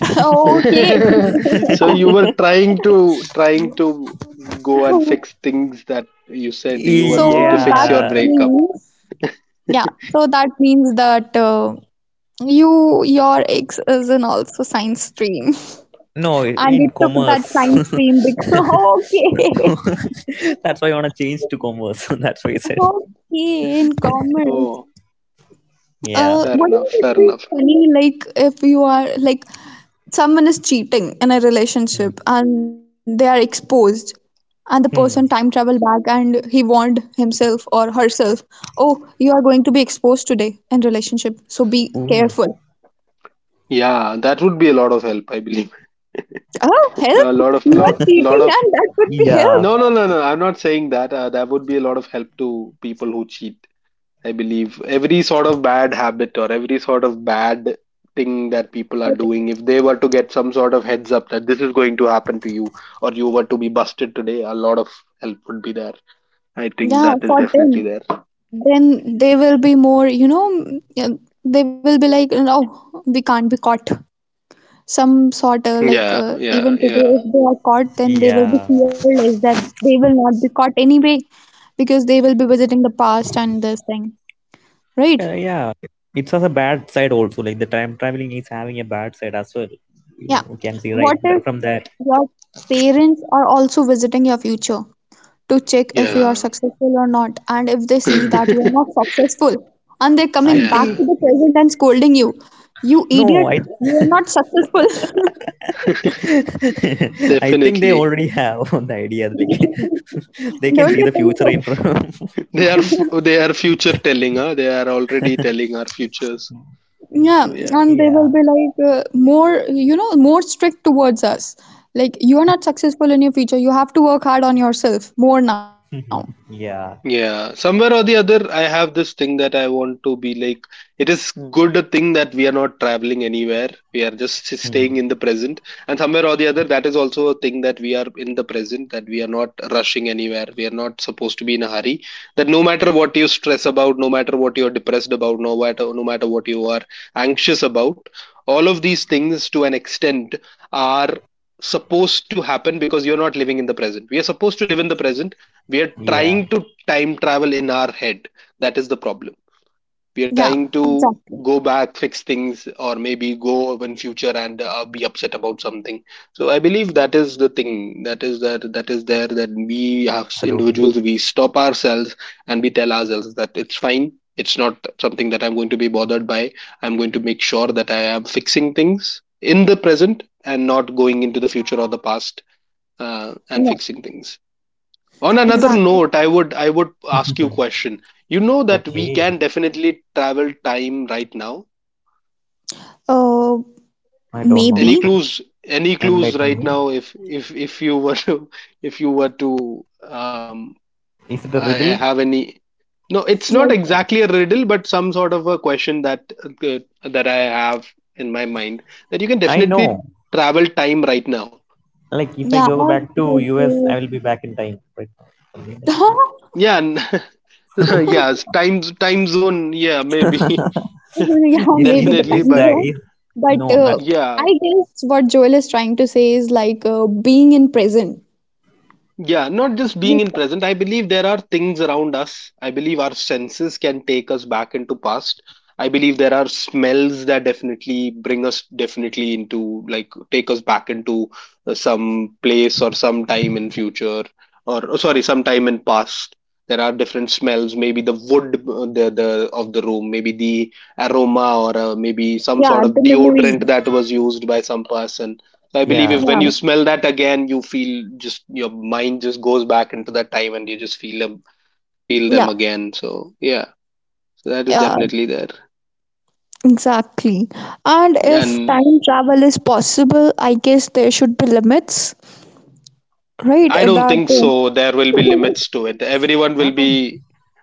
Speaker 1: Okay.
Speaker 3: So you were trying to, trying to go and fix things that you
Speaker 1: So
Speaker 3: said you were
Speaker 1: that
Speaker 3: going to fix your
Speaker 2: Yeah,
Speaker 3: breakup.
Speaker 1: means yeah, so that means that you your ex is in also science stream,
Speaker 2: no,
Speaker 1: and
Speaker 2: in
Speaker 1: you took that
Speaker 2: commerce.
Speaker 1: science stream because okay,
Speaker 2: that's why I wanna change to commerce. that's why I said.
Speaker 1: okay, in commerce.
Speaker 3: Oh,
Speaker 2: Yeah.
Speaker 3: fair enough,
Speaker 1: Wouldn't it
Speaker 3: fair
Speaker 1: be
Speaker 3: enough.
Speaker 1: funny like if you are like someone is cheating in a relationship and they are exposed, and the person time
Speaker 2: Hmm.
Speaker 1: travel back and he warned himself or herself, oh, you are going to be exposed today in relationship, so be
Speaker 2: Ooh.
Speaker 1: careful.
Speaker 3: Yeah, that would be a lot of help, I believe.
Speaker 1: Oh,
Speaker 3: A
Speaker 1: help!
Speaker 3: lot of,
Speaker 1: You are
Speaker 3: lot
Speaker 1: cheating,
Speaker 3: of,
Speaker 1: and that would be
Speaker 2: Yeah,
Speaker 3: no, no,
Speaker 1: help.
Speaker 3: no, no. I'm not saying that. That would be a lot of help to people who cheat. I believe every sort of bad habit or every sort of bad thing that people are
Speaker 1: But
Speaker 3: doing, if they were to get some sort of heads up that this is going to happen to you, or you were to be busted today, a lot of help would be there. I think
Speaker 1: yeah,
Speaker 3: that is
Speaker 1: for them,
Speaker 3: definitely there.
Speaker 1: then they will be more, you know, mm, yeah, they will be like, no, we can't be caught. Some sort like,
Speaker 3: Yeah,
Speaker 1: even today,
Speaker 3: yeah,
Speaker 1: if they are caught, then they
Speaker 2: yeah,
Speaker 1: will be fearless that they will not be caught anyway because they will be visiting the past and this thing,
Speaker 2: yeah,
Speaker 1: right?
Speaker 2: yeah. It has a bad side also. Like the time traveling is having a bad side as well. You
Speaker 1: Yeah.
Speaker 2: can see right
Speaker 1: What if
Speaker 2: from that.
Speaker 1: your parents are also visiting your future? To check if you are
Speaker 3: yeah,
Speaker 1: successful or not. And if they
Speaker 3: yeah,
Speaker 1: see
Speaker 2: Hmm.
Speaker 1: that you are not successful and they're
Speaker 2: I
Speaker 1: coming
Speaker 2: think
Speaker 1: back
Speaker 3: yeah.
Speaker 1: to the present and scolding you, you
Speaker 2: no,
Speaker 1: idiot,
Speaker 2: I
Speaker 1: you are not successful.
Speaker 2: I think they
Speaker 3: Definitely.
Speaker 2: already have the idea. Like they can see
Speaker 1: Don't
Speaker 2: the
Speaker 1: you think
Speaker 2: future in
Speaker 1: so?
Speaker 2: front.
Speaker 3: They are they are future telling, huh? They are already telling our futures.
Speaker 2: Hmm.
Speaker 1: Yeah,
Speaker 3: So, yeah.
Speaker 1: and they
Speaker 2: Yeah.
Speaker 1: will be like more, you know, more strict towards us. Like, you are not successful in your future. You have to work hard on yourself more now.
Speaker 2: Mhm. Yeah.
Speaker 3: Yeah, somewhere or the other, I have this thing that I want to be like, it is good a thing that we are not traveling anywhere. We are just
Speaker 2: Hmm.
Speaker 3: staying in the present. And somewhere or the other, that is also a thing that we are in the present, that we are not rushing anywhere. We are not supposed to be in a hurry. That no matter what you stress about, no matter what you're depressed about, no matter, no matter what you are anxious about, all of these things to an extent are supposed to happen because you're not living in the present. We are supposed to live in the present. We are
Speaker 2: Yeah.
Speaker 3: trying to time travel in our head. That is the problem. We are
Speaker 1: Yeah,
Speaker 3: trying to
Speaker 1: exactly.
Speaker 3: go back, fix things, or maybe go in future and be upset about something. So I believe that is the thing that is, that that is there, that we as
Speaker 2: Absolutely.
Speaker 3: individuals, we stop ourselves and we tell ourselves that it's fine, it's not something that I'm going to be bothered by. I'm going to make sure that I am fixing things in the present and not going into the future or the past, and
Speaker 1: Yeah,
Speaker 3: fixing things. On another
Speaker 1: exactly.
Speaker 3: note, I would ask you
Speaker 2: Mhm.
Speaker 3: a question. You know that we
Speaker 2: Okay,
Speaker 3: can definitely travel time right now.
Speaker 1: Uh,
Speaker 2: I don't know
Speaker 3: Any
Speaker 2: how.
Speaker 1: maybe
Speaker 3: clues, any clues
Speaker 2: Enlighten
Speaker 3: right
Speaker 2: me.
Speaker 3: now, if if you were to if you were to, um,
Speaker 2: Is it a
Speaker 3: I
Speaker 2: riddle?
Speaker 3: have any, no, it's not
Speaker 1: like
Speaker 3: exactly a riddle, but some sort of a question that that I have in my mind that you can
Speaker 2: I
Speaker 3: definitely
Speaker 2: know.
Speaker 3: travel time right now.
Speaker 2: Like if I
Speaker 1: yeah,
Speaker 2: go
Speaker 1: or
Speaker 2: back to US,
Speaker 1: like.
Speaker 2: I will be back in time. Right? Something like
Speaker 1: Uh,
Speaker 2: that.
Speaker 3: Yeah, and yeah, time zone, yeah, maybe.
Speaker 1: Yeah, maybe the
Speaker 3: Definitely,
Speaker 2: Is
Speaker 1: time
Speaker 3: but
Speaker 2: that
Speaker 1: zone.
Speaker 2: is
Speaker 1: But
Speaker 2: no, not.
Speaker 3: yeah.
Speaker 1: I guess what Joel is trying to say is like being in present.
Speaker 3: Yeah, not just being in present. I believe there are things around us. I believe our senses can take us back into past. I believe there are smells that definitely bring us definitely into, like take us back into some place or some time in future, or oh, sorry, some time in past. There are different smells, maybe the wood the of the room, maybe the aroma or maybe some
Speaker 1: Yeah,
Speaker 3: sort
Speaker 1: the
Speaker 3: of deodorant
Speaker 1: memories.
Speaker 3: that was used by some person. I believe
Speaker 2: Yeah.
Speaker 3: if when you
Speaker 1: Yeah,
Speaker 3: smell that again, you feel just your mind just goes back into that time and you just feel them
Speaker 1: yeah,
Speaker 3: again. So yeah, so that is
Speaker 1: yeah,
Speaker 3: definitely there.
Speaker 1: exactly. And if
Speaker 3: And
Speaker 1: time travel is possible, I guess there should be limits, right?
Speaker 3: I don't
Speaker 1: That,
Speaker 3: think so. There will be limits to it. Everyone will
Speaker 2: Not all.
Speaker 3: be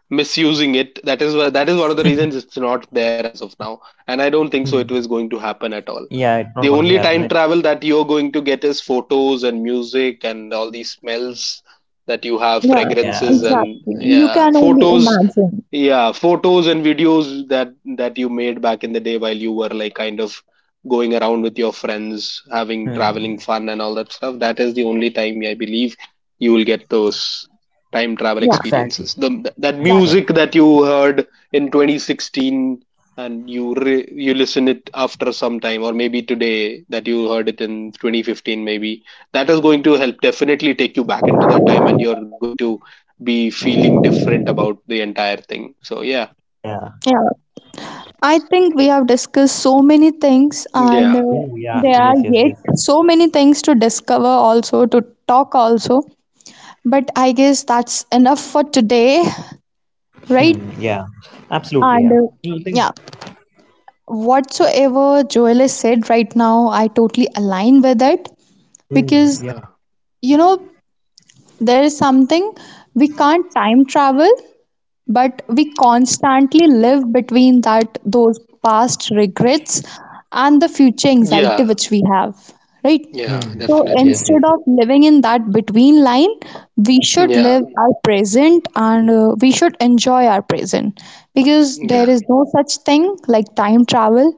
Speaker 3: misusing it. That is one of the reasons it's not there as of now. And I don't think
Speaker 2: Hmm.
Speaker 3: so. It was going to happen at all.
Speaker 2: Yeah, it's not
Speaker 3: The
Speaker 2: gonna be
Speaker 3: only
Speaker 2: happening, right?
Speaker 3: time travel that you're going to get is photos and music and all these smells that you have,
Speaker 1: yeah,
Speaker 2: Yeah.
Speaker 3: fragrances and
Speaker 1: exactly. You
Speaker 3: yeah,
Speaker 1: can only
Speaker 3: photos,
Speaker 1: imagine.
Speaker 3: yeah, photos and videos that you made back in the day while you were like kind of going around with your friends having
Speaker 2: Hmm.
Speaker 3: traveling fun and all that stuff. That is the only time I believe you will get those time travel
Speaker 1: Yeah,
Speaker 2: Exactly.
Speaker 3: experiences, the that
Speaker 1: exactly.
Speaker 3: music
Speaker 2: Exactly.
Speaker 3: that you heard in 2016, and you you listen it after some time, or maybe today that you heard it in 2015 maybe, that is going to help definitely take you back into that time and you're going to be feeling different about the entire thing. So yeah,
Speaker 2: Yeah.
Speaker 1: Yeah. I think we have discussed so many things, and
Speaker 3: yeah,
Speaker 2: Oh yeah.
Speaker 1: there
Speaker 2: Yes.
Speaker 1: are
Speaker 2: Yes. Yes.
Speaker 1: yet so many things to discover, also to talk, also. But I guess that's enough for today, right?
Speaker 2: Hmm. Yeah. Absolutely. Yeah.
Speaker 1: And
Speaker 3: yeah,
Speaker 2: You think?
Speaker 1: yeah, whatsoever Joel has said right now, I totally align with it
Speaker 2: Hmm.
Speaker 1: because
Speaker 2: Yeah.
Speaker 3: yeah,
Speaker 1: you know there is something, we can't time travel but we constantly live between that those past regrets and the future anxiety
Speaker 3: yeah,
Speaker 1: which we have, right?
Speaker 2: Hmm.
Speaker 3: yeah,
Speaker 1: So
Speaker 2: Yes. Yes.
Speaker 3: definitely.
Speaker 1: instead
Speaker 2: Yes.
Speaker 1: of living in that between line, we should
Speaker 3: Yeah,
Speaker 1: live our present and we should enjoy our present because there
Speaker 3: yeah.
Speaker 1: is no such thing like time travel,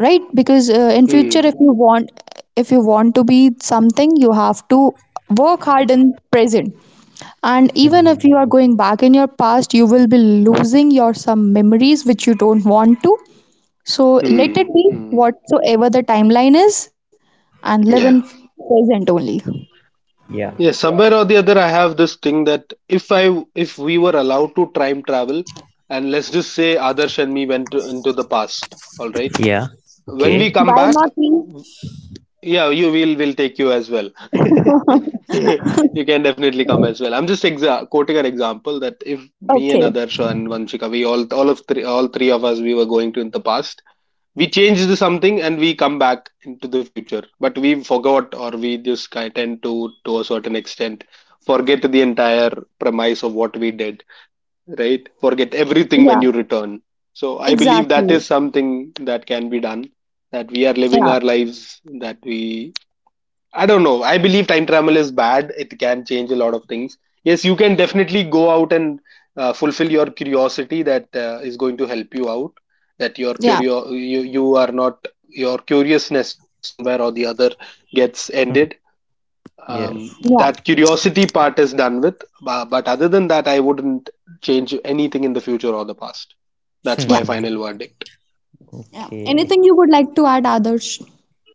Speaker 1: right? Because in future if
Speaker 3: Mm,
Speaker 1: you want, if you want to be something you have to work hard in present, and even
Speaker 2: Hmm.
Speaker 1: if you are going back in your past you will be losing your some memories which you don't want to. So let it
Speaker 3: mm,
Speaker 1: be
Speaker 3: mm.
Speaker 1: whatsoever the timeline is, and live in
Speaker 3: Yeah.
Speaker 1: present only.
Speaker 2: Yeah.
Speaker 3: Yeah, somewhere or the other, I have this thing that if we were allowed to time travel, and let's just say Adarsh and me went to, into the past, all right.
Speaker 2: Yeah. Okay.
Speaker 3: When we come
Speaker 1: Why
Speaker 3: back,
Speaker 1: not me?
Speaker 3: yeah, you will take you as well. You can definitely come as well. I'm just exa quoting an example that if
Speaker 1: Okay.
Speaker 3: me and Adarsh and Vanshika, we all three of us, we were going to in the past. We changed something and we come back into the future, but we forgot, or we just kind tend to a certain extent forget the entire premise of what we did, right? Forget everything when
Speaker 1: Yeah,
Speaker 3: you return. So I believe that is
Speaker 1: exactly.
Speaker 3: something that can be done. That we are living
Speaker 1: Yeah,
Speaker 3: our lives, that we, I don't know. I believe time travel is bad. It can change a lot of things. Yes, you can definitely go out and fulfill your curiosity that is going to help you out. That your
Speaker 1: yeah,
Speaker 3: curio you are not, your curiousness somewhere or the other gets
Speaker 2: Hmm.
Speaker 3: ended. Um,
Speaker 2: Yes.
Speaker 1: yeah,
Speaker 3: that curiosity part is done with. But other than that, I wouldn't change anything in the future or the past. That's
Speaker 1: yeah,
Speaker 3: my
Speaker 2: Hmm.
Speaker 3: final verdict.
Speaker 1: yeah,
Speaker 2: Okay.
Speaker 1: anything you would like to add others?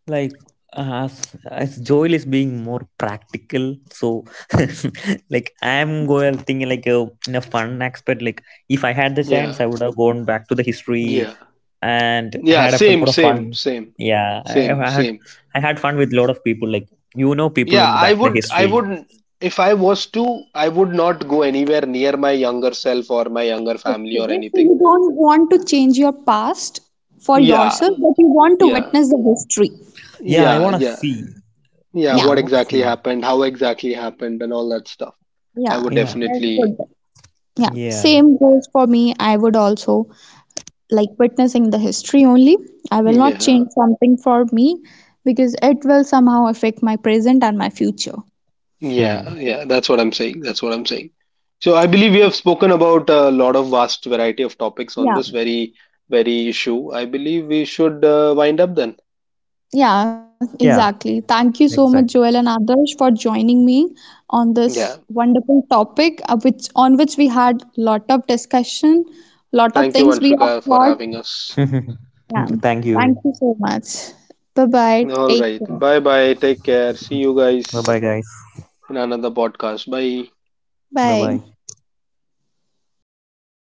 Speaker 2: Like, as as Joel is being more practical, so like I'm going thinking like a, in a fun aspect. Like if I had the
Speaker 3: Yeah,
Speaker 2: chance, I would have gone back to the history
Speaker 3: yeah,
Speaker 2: and
Speaker 3: yeah.
Speaker 2: had a
Speaker 3: Same,
Speaker 2: lot of
Speaker 3: same,
Speaker 2: fun.
Speaker 3: same,
Speaker 2: Yeah,
Speaker 3: same, same.
Speaker 2: I had fun with a lot of people. Like, you know, people
Speaker 3: Yeah,
Speaker 2: in the back the
Speaker 3: I
Speaker 2: history.
Speaker 3: would, if I was to, I would not go anywhere near my younger self or my younger
Speaker 1: Okay,
Speaker 3: family or
Speaker 1: so
Speaker 3: anything.
Speaker 1: you don't want to change your past for
Speaker 3: Yeah,
Speaker 1: yourself, but you want to
Speaker 3: yeah,
Speaker 1: witness the history.
Speaker 2: Yeah, I
Speaker 3: yeah,
Speaker 2: wanna
Speaker 3: yeah,
Speaker 2: see.
Speaker 3: yeah.
Speaker 1: Yeah,
Speaker 2: Yeah, I
Speaker 3: What
Speaker 2: wanna
Speaker 3: exactly
Speaker 2: see.
Speaker 3: happened? How exactly happened? And all that stuff. I
Speaker 1: yeah,
Speaker 3: would
Speaker 2: Yeah,
Speaker 1: I
Speaker 3: definitely,
Speaker 1: would. Yeah,
Speaker 2: yeah.
Speaker 1: same goes for me. I would also like witnessing the history only. I will not
Speaker 3: yeah,
Speaker 1: change something for me because it will somehow affect my present and my future.
Speaker 3: yeah,
Speaker 2: Hmm.
Speaker 3: yeah. That's what I'm saying. That's what I'm saying. So I believe we have spoken about a lot of vast variety of topics on this
Speaker 1: Yeah.
Speaker 3: very issue. I believe we should wind up then.
Speaker 1: Yeah,
Speaker 2: Yeah,
Speaker 1: exactly. Thank you so much,
Speaker 2: exactly.
Speaker 1: Joel and Adarsh, for joining me on
Speaker 3: Yeah.
Speaker 1: this wonderful topic, which on which we had lot of discussion, lot of
Speaker 3: Thank you,
Speaker 1: things we have
Speaker 3: Anshika, for
Speaker 1: thought.
Speaker 3: having us.
Speaker 1: Yeah.
Speaker 2: Thank you.
Speaker 1: Thank you so much. Bye bye.
Speaker 3: All
Speaker 1: Take
Speaker 3: right.
Speaker 1: care.
Speaker 3: Bye bye. Take care. See you
Speaker 2: Bye bye,
Speaker 3: guys
Speaker 2: guys.
Speaker 3: in another podcast. Bye.
Speaker 2: Bye bye.
Speaker 1: Bye.